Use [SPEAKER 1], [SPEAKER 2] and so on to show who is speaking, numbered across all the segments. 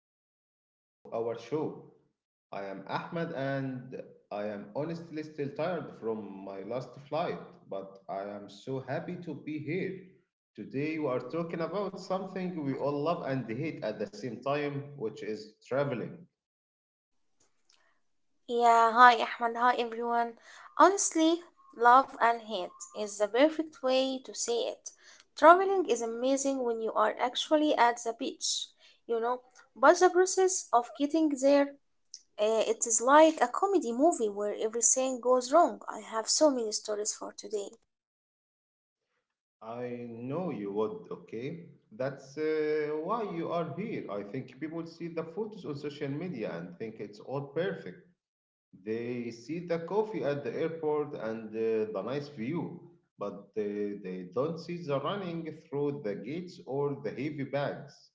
[SPEAKER 1] new episode of our show. I am Ahmed and I am honestly still tired from my last flight, but I am so happy to be here. Today we are talking about something we all love and hate at the same time, which is traveling.
[SPEAKER 2] Yeah, hi Ahmad. Hi everyone. Honestly, love and hate is the perfect way to say it. Traveling is amazing when you are actually at the beach, you know, but the process of getting there, it is like a comedy movie where everything goes wrong. I have so many stories for today.
[SPEAKER 1] I know you would, okay? That's why you are here. I think people see the photos on social media and think it's all perfect. They see the coffee at the airport and the nice view, but they don't see the running through the gates or the heavy bags.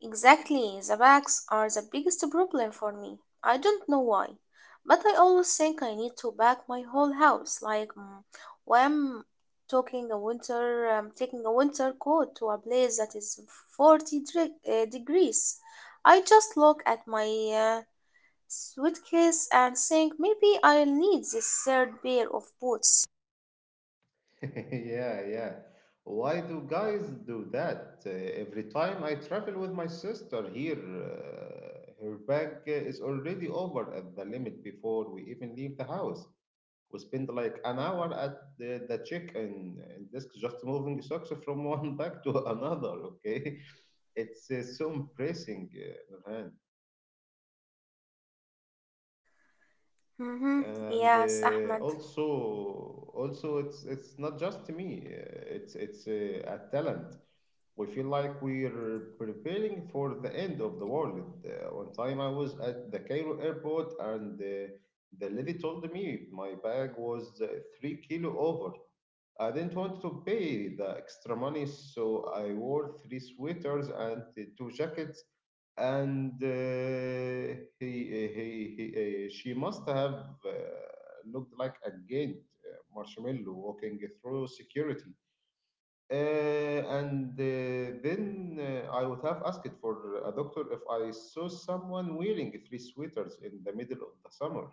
[SPEAKER 2] Exactly, the bags are the biggest problem for me. I don't know why, but I always think I need to pack my whole house. When I'm taking a winter coat to a place that is 40 degrees. I just look at my suitcase and think maybe I'll need this third pair of boots.
[SPEAKER 1] Yeah, yeah. Why do guys do that? Every time I travel with my sister here, her bag is already over at the limit before we even leave the house. We spent like an hour at the check-in desk just moving socks from one bag to another. Okay, it's so impressing, Nurhan.
[SPEAKER 2] Mm-hmm.
[SPEAKER 1] And
[SPEAKER 2] Yes, Ahmed.
[SPEAKER 1] also it's not just me. It's a talent. We feel like we're preparing for the end of the world. One time I was at the Cairo airport and the lady told me my bag was 3 kilo over. I didn't want to pay the extra money, so I wore three sweaters and two jackets. And she must have uh, looked like a giant marshmallow walking through security. Uh, and Then I would have asked for a doctor if I saw someone wearing three sweaters in the middle of the summer.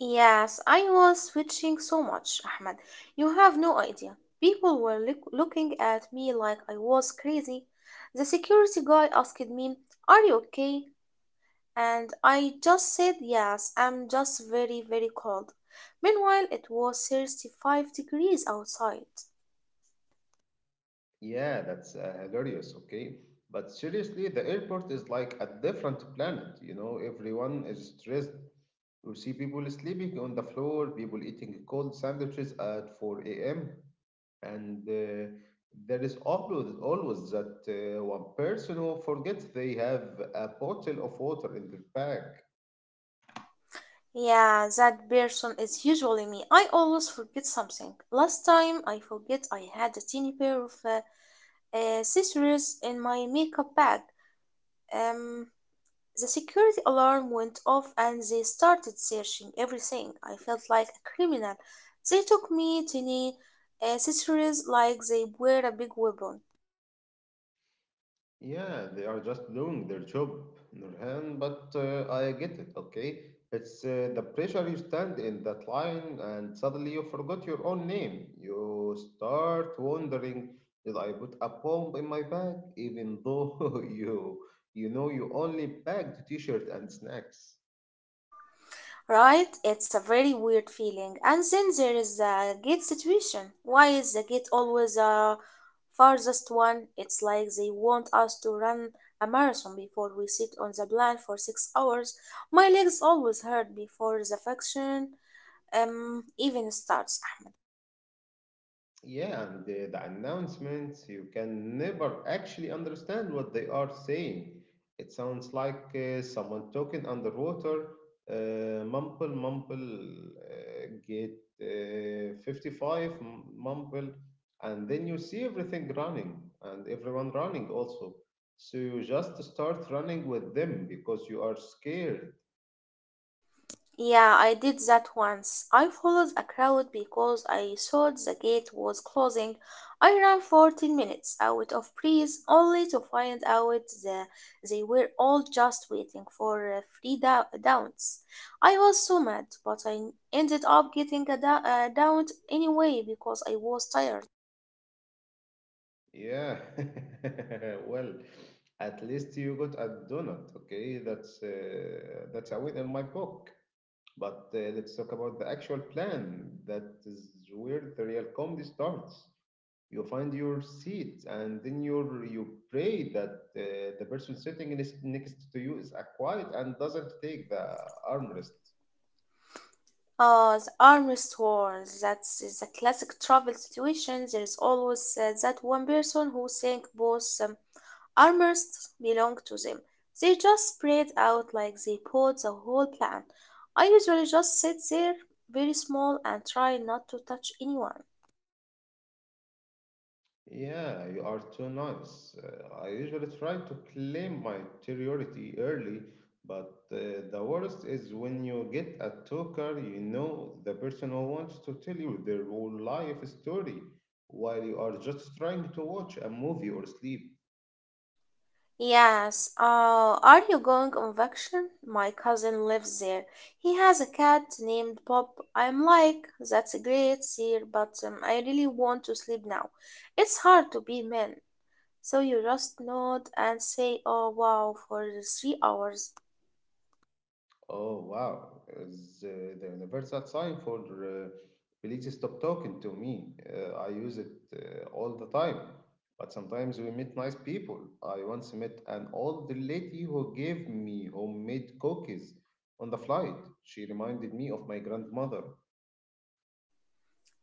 [SPEAKER 2] Yes, I was switching so much, Ahmed. You have no idea. People were looking at me like I was crazy. The security guy asked me, "Are you okay?" And I just said, "Yes, I'm just very, very cold." Meanwhile, it was 35 degrees outside.
[SPEAKER 1] Yeah, that's hilarious, okay? But seriously, the airport is like a different planet, you know, everyone is stressed. You see people sleeping on the floor, people eating cold sandwiches at 4 a.m. And there is always, always that one person who forgets they have a bottle of water in their bag.
[SPEAKER 2] Yeah, that person is usually me. I always forget something. Last time I forget I had a tiny pair of scissors in my makeup bag. Um, The security alarm went off and they started searching everything. I felt like a criminal. They took me to the accessories like they were a big weapon.
[SPEAKER 1] Yeah, they are just doing their job, Nurhan, but I get it, okay? It's the pressure. You stand in that line and suddenly you forgot your own name. You start wondering, did I put a bomb in my bag? Even though you know you only packed t-shirt and snacks.
[SPEAKER 2] Right? It's a very weird feeling. And then there is the gate situation. Why is the gate always the farthest one? It's like they want us to run a marathon before we sit on the plan for 6 hours. My legs always hurt before the function even starts, Ahmed.
[SPEAKER 1] Yeah, and the announcements, you can never actually understand what they are saying. It sounds like someone talking underwater, mumble, mumble, get 55, mumble, and then you see everything running and everyone running also. So you just start running with them because you are scared.
[SPEAKER 2] Yeah, I did that once. I followed a crowd because I thought the gate was closing. I ran 14 minutes out of breath only to find out that they were all just waiting for downs. I was so mad, but I ended up getting a down anyway because I was tired.
[SPEAKER 1] Yeah. Well, at least you got a donut, okay? That's a win in my book. But let's talk about the actual plan. That is where the real comedy starts. You find your seat, and then you pray that the person sitting next to you is quiet and doesn't take the armrest.
[SPEAKER 2] The armrest war, that's the classic travel situation. There is always that one person who thinks both armors belong to them. They just spread out like they bought the whole plant. I usually just sit there very small and try not to touch anyone.
[SPEAKER 1] Yeah, you are too nice. I usually try to claim my interiority early, but the worst is when you get a talker, you know, the person who wants to tell you their whole life story while you are just trying to watch a movie or sleep.
[SPEAKER 2] Yes, are you going on vacation? My cousin lives there. He has a cat named Bob. I'm like, "That's great, sir, but I really want to sleep now. It's hard to be men." So you just nod and say, "Oh wow," for the 3 hours.
[SPEAKER 1] Oh wow, is the universal sign for please stop talking to me. I use it all the time, but sometimes we meet nice people. I once met an old lady who gave me homemade cookies on the flight. She reminded me of my grandmother.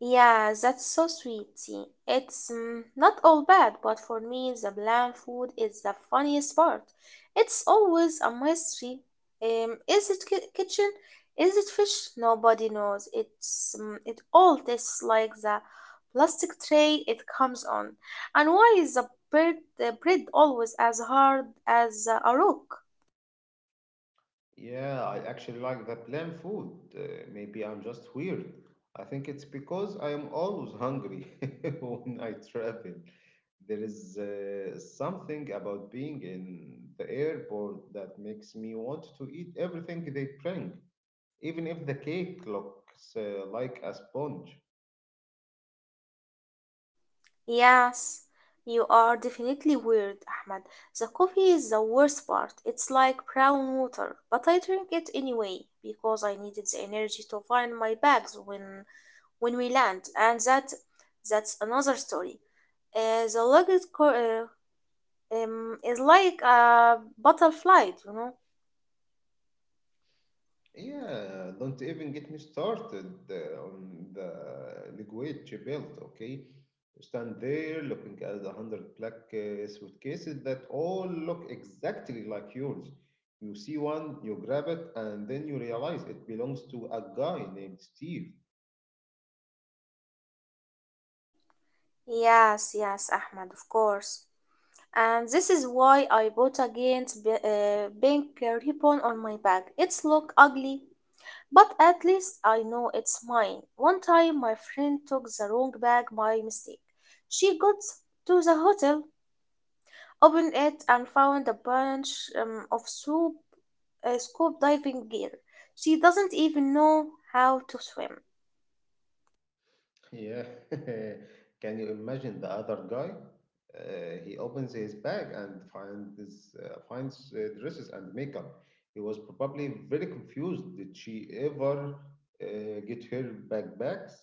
[SPEAKER 2] Yeah, that's so sweet. See, it's not all bad, but for me, the bland food is the funniest part. It's always a mystery. Is it kitchen? Is it fish? Nobody knows. It's mm, it all tastes like the plastic tray it comes on. And why is the bread always as hard as a rock?
[SPEAKER 1] Yeah, I actually like the plain food. Maybe I'm just weird. I think it's because I am always hungry when I travel. There is something about being in the airport that makes me want to eat everything they bring, even if the cake looks like a sponge.
[SPEAKER 2] Yes, you are definitely weird, Ahmed. The coffee is the worst part. It's like brown water, but I drink it anyway because I needed the energy to find my bags when we land, and that's another story. The luggage is like a butterfly, you know.
[SPEAKER 1] Yeah, don't even get me started on the liquid she built, okay? Stand there looking at the hundred black suitcases that all look exactly like yours. You see one, you grab it, and then you realize it belongs to a guy named Steve.
[SPEAKER 2] Yes, yes, Ahmed, of course. And this is why I bought against b- pink ribbon on my bag. It's look ugly, but at least I know it's mine. One time, my friend took the wrong bag by mistake. She got to the hotel, opened it, and found a bunch of scuba diving gear. She doesn't even know how to swim.
[SPEAKER 1] Yeah. Can you imagine the other guy? He opens his bag and finds dresses and makeup. He was probably very confused. Did she ever get her backpacks,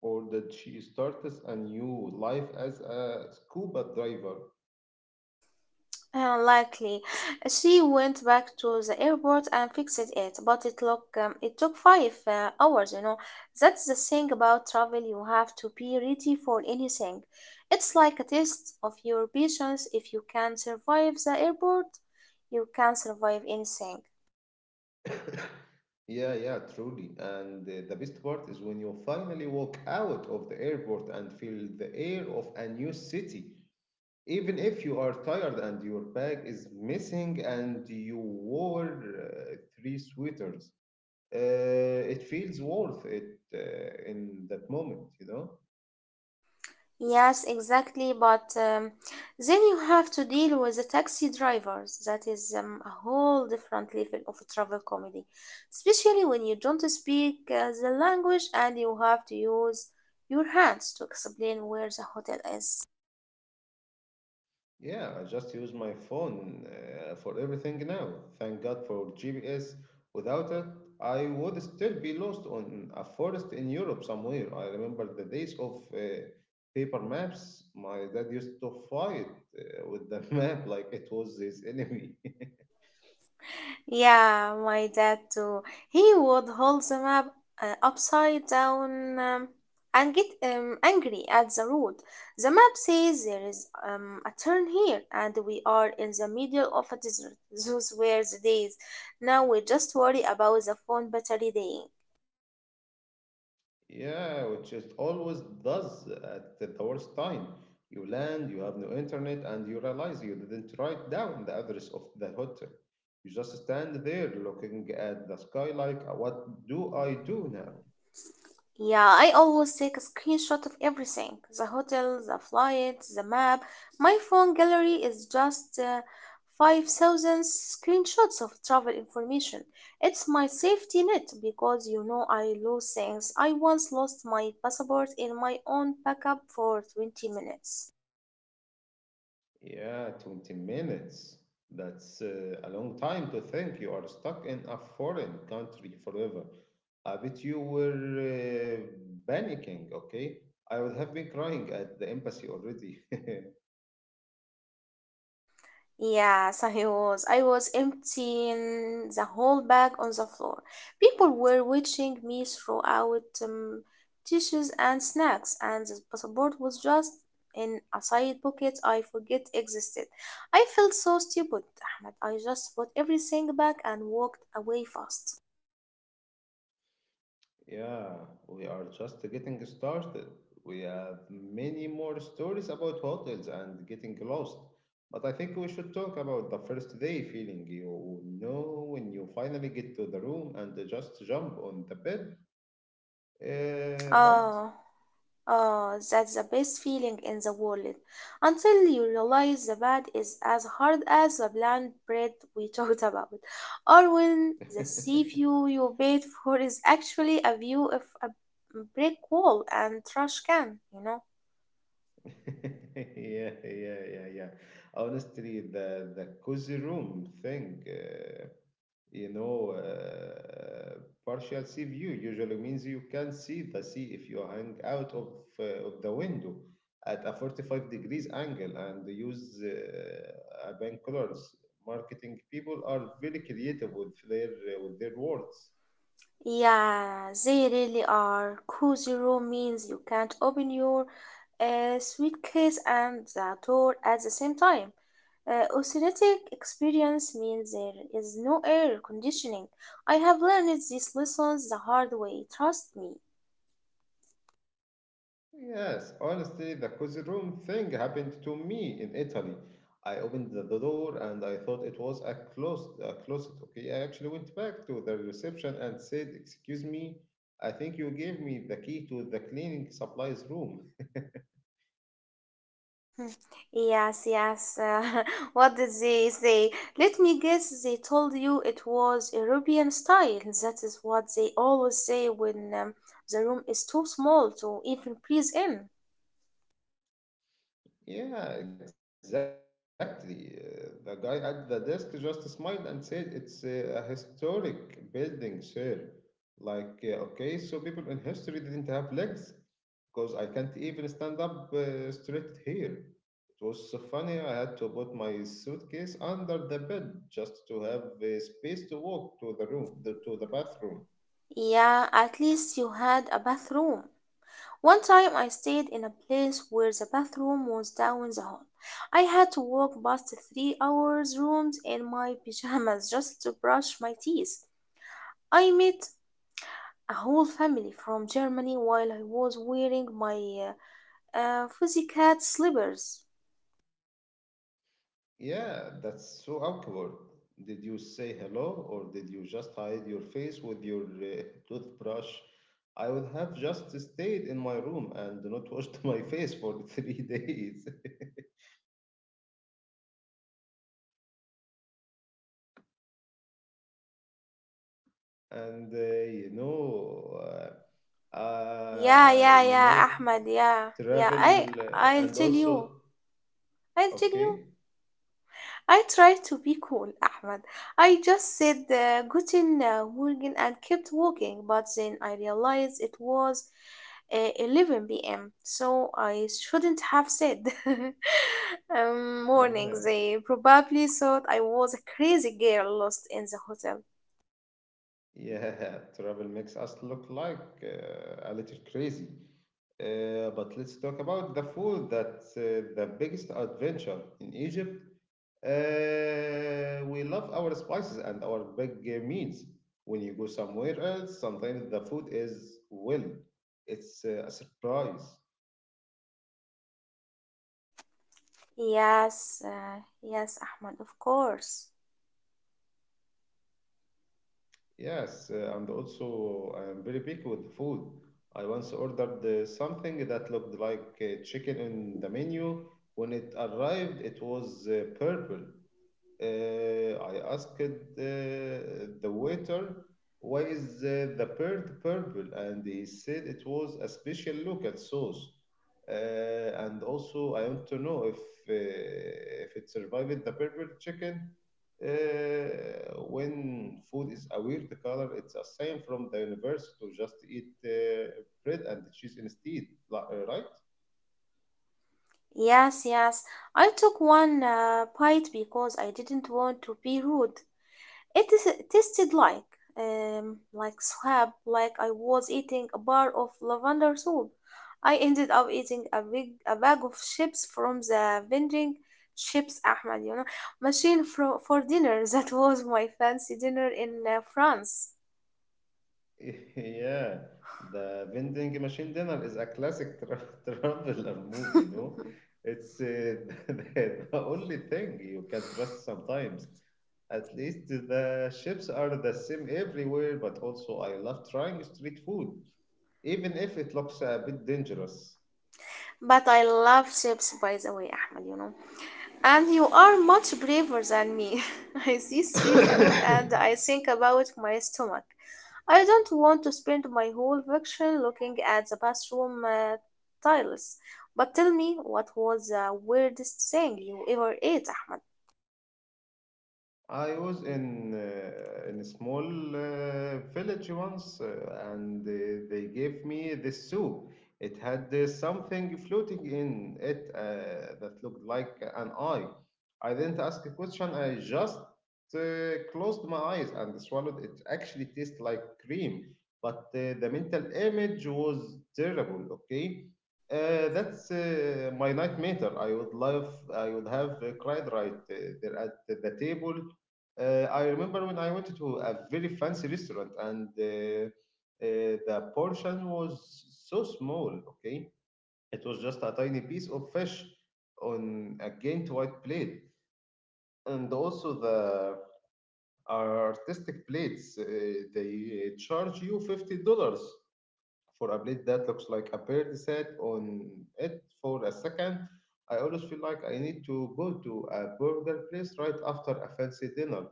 [SPEAKER 1] or did she start us a new life as a scuba diver?
[SPEAKER 2] Likely, she went back to the airport and fixed it, but it took five hours. You know, that's the thing about travel. You have to be ready for anything. It's like a test of your patience. If you can survive the airport, you can survive anything.
[SPEAKER 1] Yeah, yeah, truly. And the best part is when you finally walk out of the airport and feel the air of a new city. Even if you are tired and your bag is missing and you wore three sweaters, it feels worth it in that moment, you know?
[SPEAKER 2] Yes, exactly. But then you have to deal with the taxi drivers. That is a whole different level of travel comedy, especially when you don't speak the language and you have to use your hands to explain where the hotel is.
[SPEAKER 1] Yeah, I just use my phone for everything now. Thank God for GPS. Without it, I would still be lost on a forest in Europe somewhere. I remember the days of paper maps. My dad used to fight with the map like it was his enemy.
[SPEAKER 2] Yeah, my dad too. He would hold the map upside down and get angry at the road. The map says there is a turn here, and we are in the middle of a desert. Those were the days. Now we just worry about the phone battery dying.
[SPEAKER 1] Yeah, which it always does at the worst time. You land, you have no internet, and you realize you didn't write down the address of the hotel. You just stand there looking at the sky like, what do I do now?"
[SPEAKER 2] Yeah, I always take a screenshot of everything: the hotel, the flight, the map. My phone gallery is just 5,000 screenshots of travel information. It's my safety net because you know I lose things. I once lost my passport in my own backup for 20 minutes.
[SPEAKER 1] Yeah, 20 minutes. That's a long time to think you are stuck in a foreign country forever. I bet you were uh, panicking, okay? I would have been crying at the embassy already.
[SPEAKER 2] Yes, I was. I was emptying the whole bag on the floor. People were watching me throw out dishes and snacks, and the passport was just in a side pocket I forget existed. I felt so stupid, Ahmed. I just put everything back and walked away fast.
[SPEAKER 1] Yeah, we are just getting started. We have many more stories about hotels and getting lost. But I think we should talk about the first day feeling, you know, when you finally get to the room and just jump on the bed, uh,
[SPEAKER 2] Oh, oh, that's the best feeling in the world. Until you realize the bad is as hard as the bland bread we talked about, or when the
[SPEAKER 1] right?
[SPEAKER 2] sea view you paid for is actually a view of a brick wall and trash can, you know.
[SPEAKER 1] Yeah, yeah, yeah, yeah. Honestly, the cozy room thing, you know, partial sea view usually means you can see the sea if you hang out of the window at a 45 degrees angle and use bank colors. Marketing people are very creative with their words.
[SPEAKER 2] Yeah, they really are. Kuzuro means you can't open your suitcase and the door at the same time. Oceanic experience means there is no air conditioning. I have learned these lessons the hard way, trust me.
[SPEAKER 1] Yes, honestly, the cozy room thing happened to me in Italy. I opened the door and I thought it was a closet, a closet. Okay, I actually went back to the reception and said, "Excuse me, I think you gave me the key to the cleaning supplies room."
[SPEAKER 2] Yes, yes. What did they say? Let me guess, they told you it was European style. That is what they always say when the room is too small to even breathe in.
[SPEAKER 1] Yeah, exactly. The guy at the desk just smiled and said, "It's a historic building, sir." Like, okay, so people in history didn't have legs because I can't even stand up straight here. It was so funny, I had to put my suitcase under the bed just to have space to walk to the room, to the bathroom.
[SPEAKER 2] Yeah, at least you had a bathroom. One time I stayed in a place where the bathroom was down the hall. I had to walk past 3 hours rooms in my pajamas just to brush my teeth. I met a whole family from Germany while I was wearing my fuzzy cat slippers.
[SPEAKER 1] Yeah, that's so awkward. Did you say hello or did you just hide your face with your toothbrush? I would have just stayed in my room and not washed my face for 3 days. And
[SPEAKER 2] Yeah, yeah, yeah, Ahmed, yeah, yeah.
[SPEAKER 1] travel
[SPEAKER 2] I'll tell you. I'll tell you.
[SPEAKER 1] okay,
[SPEAKER 2] I tried to be cool, Ahmed. I just said Guten Morgen and kept walking, but then I realized it was 11 p.m., so I shouldn't have said morning.
[SPEAKER 1] yeah,
[SPEAKER 2] They probably thought I was a crazy girl lost in the hotel.
[SPEAKER 1] yeah, travel makes us look like a little crazy. But let's talk about the food. That's the biggest adventure in Egypt. We love our spices and our big meals. When you go somewhere else, sometimes the food is, well, it's a surprise.
[SPEAKER 2] Yes, yes, Ahmed, of course.
[SPEAKER 1] Yes, and also I'm very picky with the food. I once ordered something that looked like chicken in the menu. When it arrived, it was purple. I asked the waiter, why is the bird purple? And he said it was a special local sauce. Uh, and also, I want to know uh, if it survived the purple chicken. Uh, when food is a weird color, it's a sign from the universe to just eat bread and cheese instead, right?
[SPEAKER 2] Yes, yes. I took one bite because I didn't want to be rude. It tasted like swab, like I was eating a bar of lavender soup. I ended up eating a bag of chips from the vending chips, Ahmed, you know, machine for dinner. That was my fancy dinner in France.
[SPEAKER 1] Yeah, the vending machine dinner is a classic tra traveler movie, you know. It's the only thing you can trust sometimes. At least the chips are the same everywhere, but also I love trying street food, even if it looks a bit dangerous.
[SPEAKER 2] But I love chips, by the way, Ahmed, you know. And you are much braver than me. I see street food and I think about my stomach. I don't want to spend my whole vacation looking at the bathroom tiles. But tell me, what was the weirdest thing you ever ate, Ahmed?
[SPEAKER 1] I was in a small village once, and they gave me this soup. It had something floating in it that looked like an eye. I didn't ask a question. I just closed my eyes and swallowed it. Actually, tastes like cream, but the mental image was terrible. Okay, that's my nightmare. I would love. I would have cried right there at the table. I remember when I went to a very fancy restaurant and the portion was so small, okay? It was just a tiny piece of fish on a giant white plate. And also the artistic plates, they charge you $50 for a plate that looks like a bird sat on it for a second. I always feel like I need to go to a burger place right after a fancy dinner.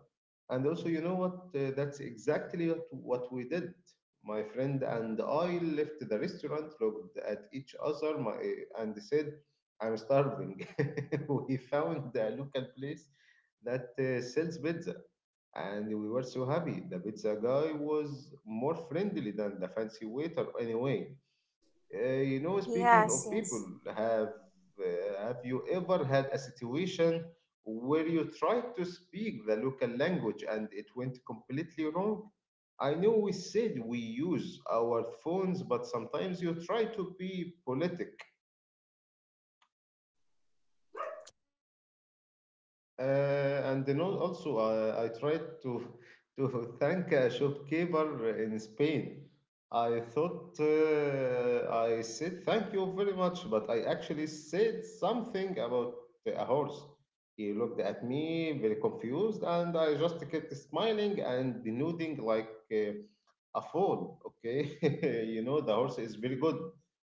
[SPEAKER 1] And also, you know what? That's exactly what we did. My friend and I left the restaurant, looked at each other, and said, I'm starving. We found a local place that sells pizza and we were so happy. The pizza guy was more friendly than the fancy waiter, anyway. You know, speaking
[SPEAKER 2] Yes,
[SPEAKER 1] of people,
[SPEAKER 2] yes.
[SPEAKER 1] have have you ever had a situation where you tried to speak the local language and it went completely wrong? I know we said we use our phones, but sometimes you try to be politic. And then also, I tried to to thank a shopkeeper in Spain. I thought I said thank you very much, but I actually said something about a horse. He looked at me very confused, and I just kept smiling and nodding like a foal. Okay, you know the horse is very good,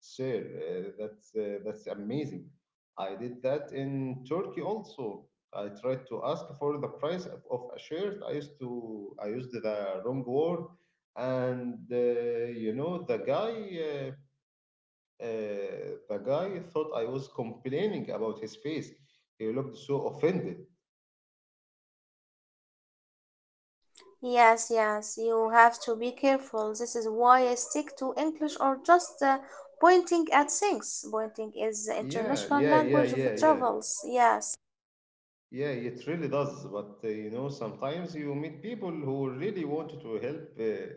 [SPEAKER 1] sir. That's that's amazing. I did that in Turkey also. I tried to ask for the price of a shirt. I used the wrong word, and you know the guy. Uh, the guy thought I was complaining about his face. He looked so offended.
[SPEAKER 2] Yes, yes, you have to be careful. This is why I stick to English or just pointing at things. Pointing is the
[SPEAKER 1] Yeah,
[SPEAKER 2] international
[SPEAKER 1] yeah, yeah,
[SPEAKER 2] language of
[SPEAKER 1] yeah, yeah.
[SPEAKER 2] travels. Yes.
[SPEAKER 1] Yeah, it really does. But you know, sometimes you meet people who really want to help,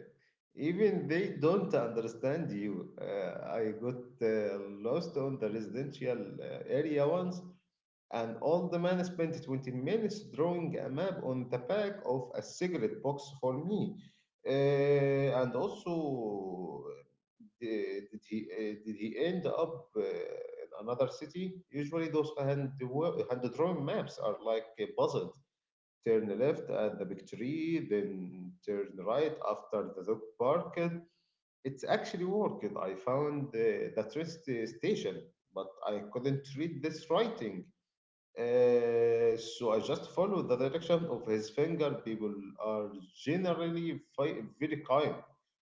[SPEAKER 1] even they don't understand you. I got lost on the residential area once, and all the man spent 20 minutes drawing a map on the back of a cigarette box for me. Uh, and also, did he end up? Another city, usually those hand drawn maps are like a puzzle. Turn left at the big tree, then turn right after the dog park. It's actually worked. I found the train station, but I couldn't read this writing. So I just follow the direction of his finger. People are generally very kind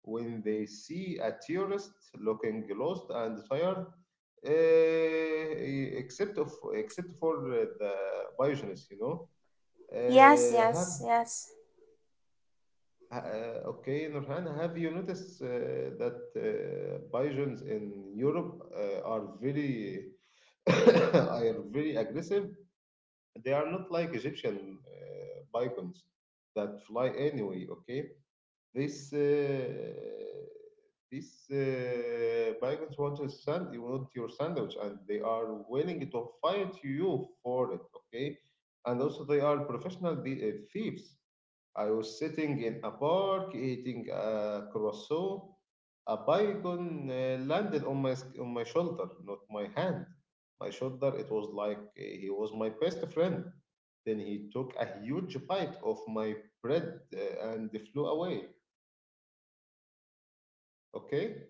[SPEAKER 1] when they see a tourist looking lost and tired, uh, except of except for the Biogenes, you know.
[SPEAKER 2] Yes,
[SPEAKER 1] Have
[SPEAKER 2] yes, yes.
[SPEAKER 1] okay, Nurhan, have you noticed that Biogenes in Europe are very are very aggressive? They are not like Egyptian bygones that fly anyway, okay? This uh, this migrants want a sand. You want your sandwich, and they are willing to fight you for it. Okay, and also they are professional thieves. I was sitting in a park eating a croissant. A bygone landed on my on my shoulder, not my hand. My shoulder. It was like he was my best friend. Then he took a huge bite of my bread and flew away. Okay.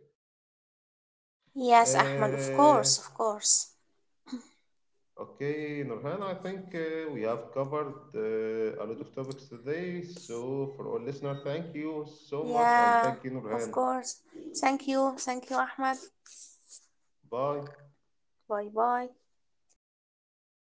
[SPEAKER 2] Yes, Ahmad, of
[SPEAKER 1] Uh,
[SPEAKER 2] course, of course.
[SPEAKER 1] okay, Nurhan, I think we have covered a lot of topics today. So, for our listener, thank you so much and
[SPEAKER 2] Yeah,
[SPEAKER 1] thank you,
[SPEAKER 2] of
[SPEAKER 1] Nurhan.
[SPEAKER 2] course. Thank you, Ahmad.
[SPEAKER 1] Bye.
[SPEAKER 2] Bye bye.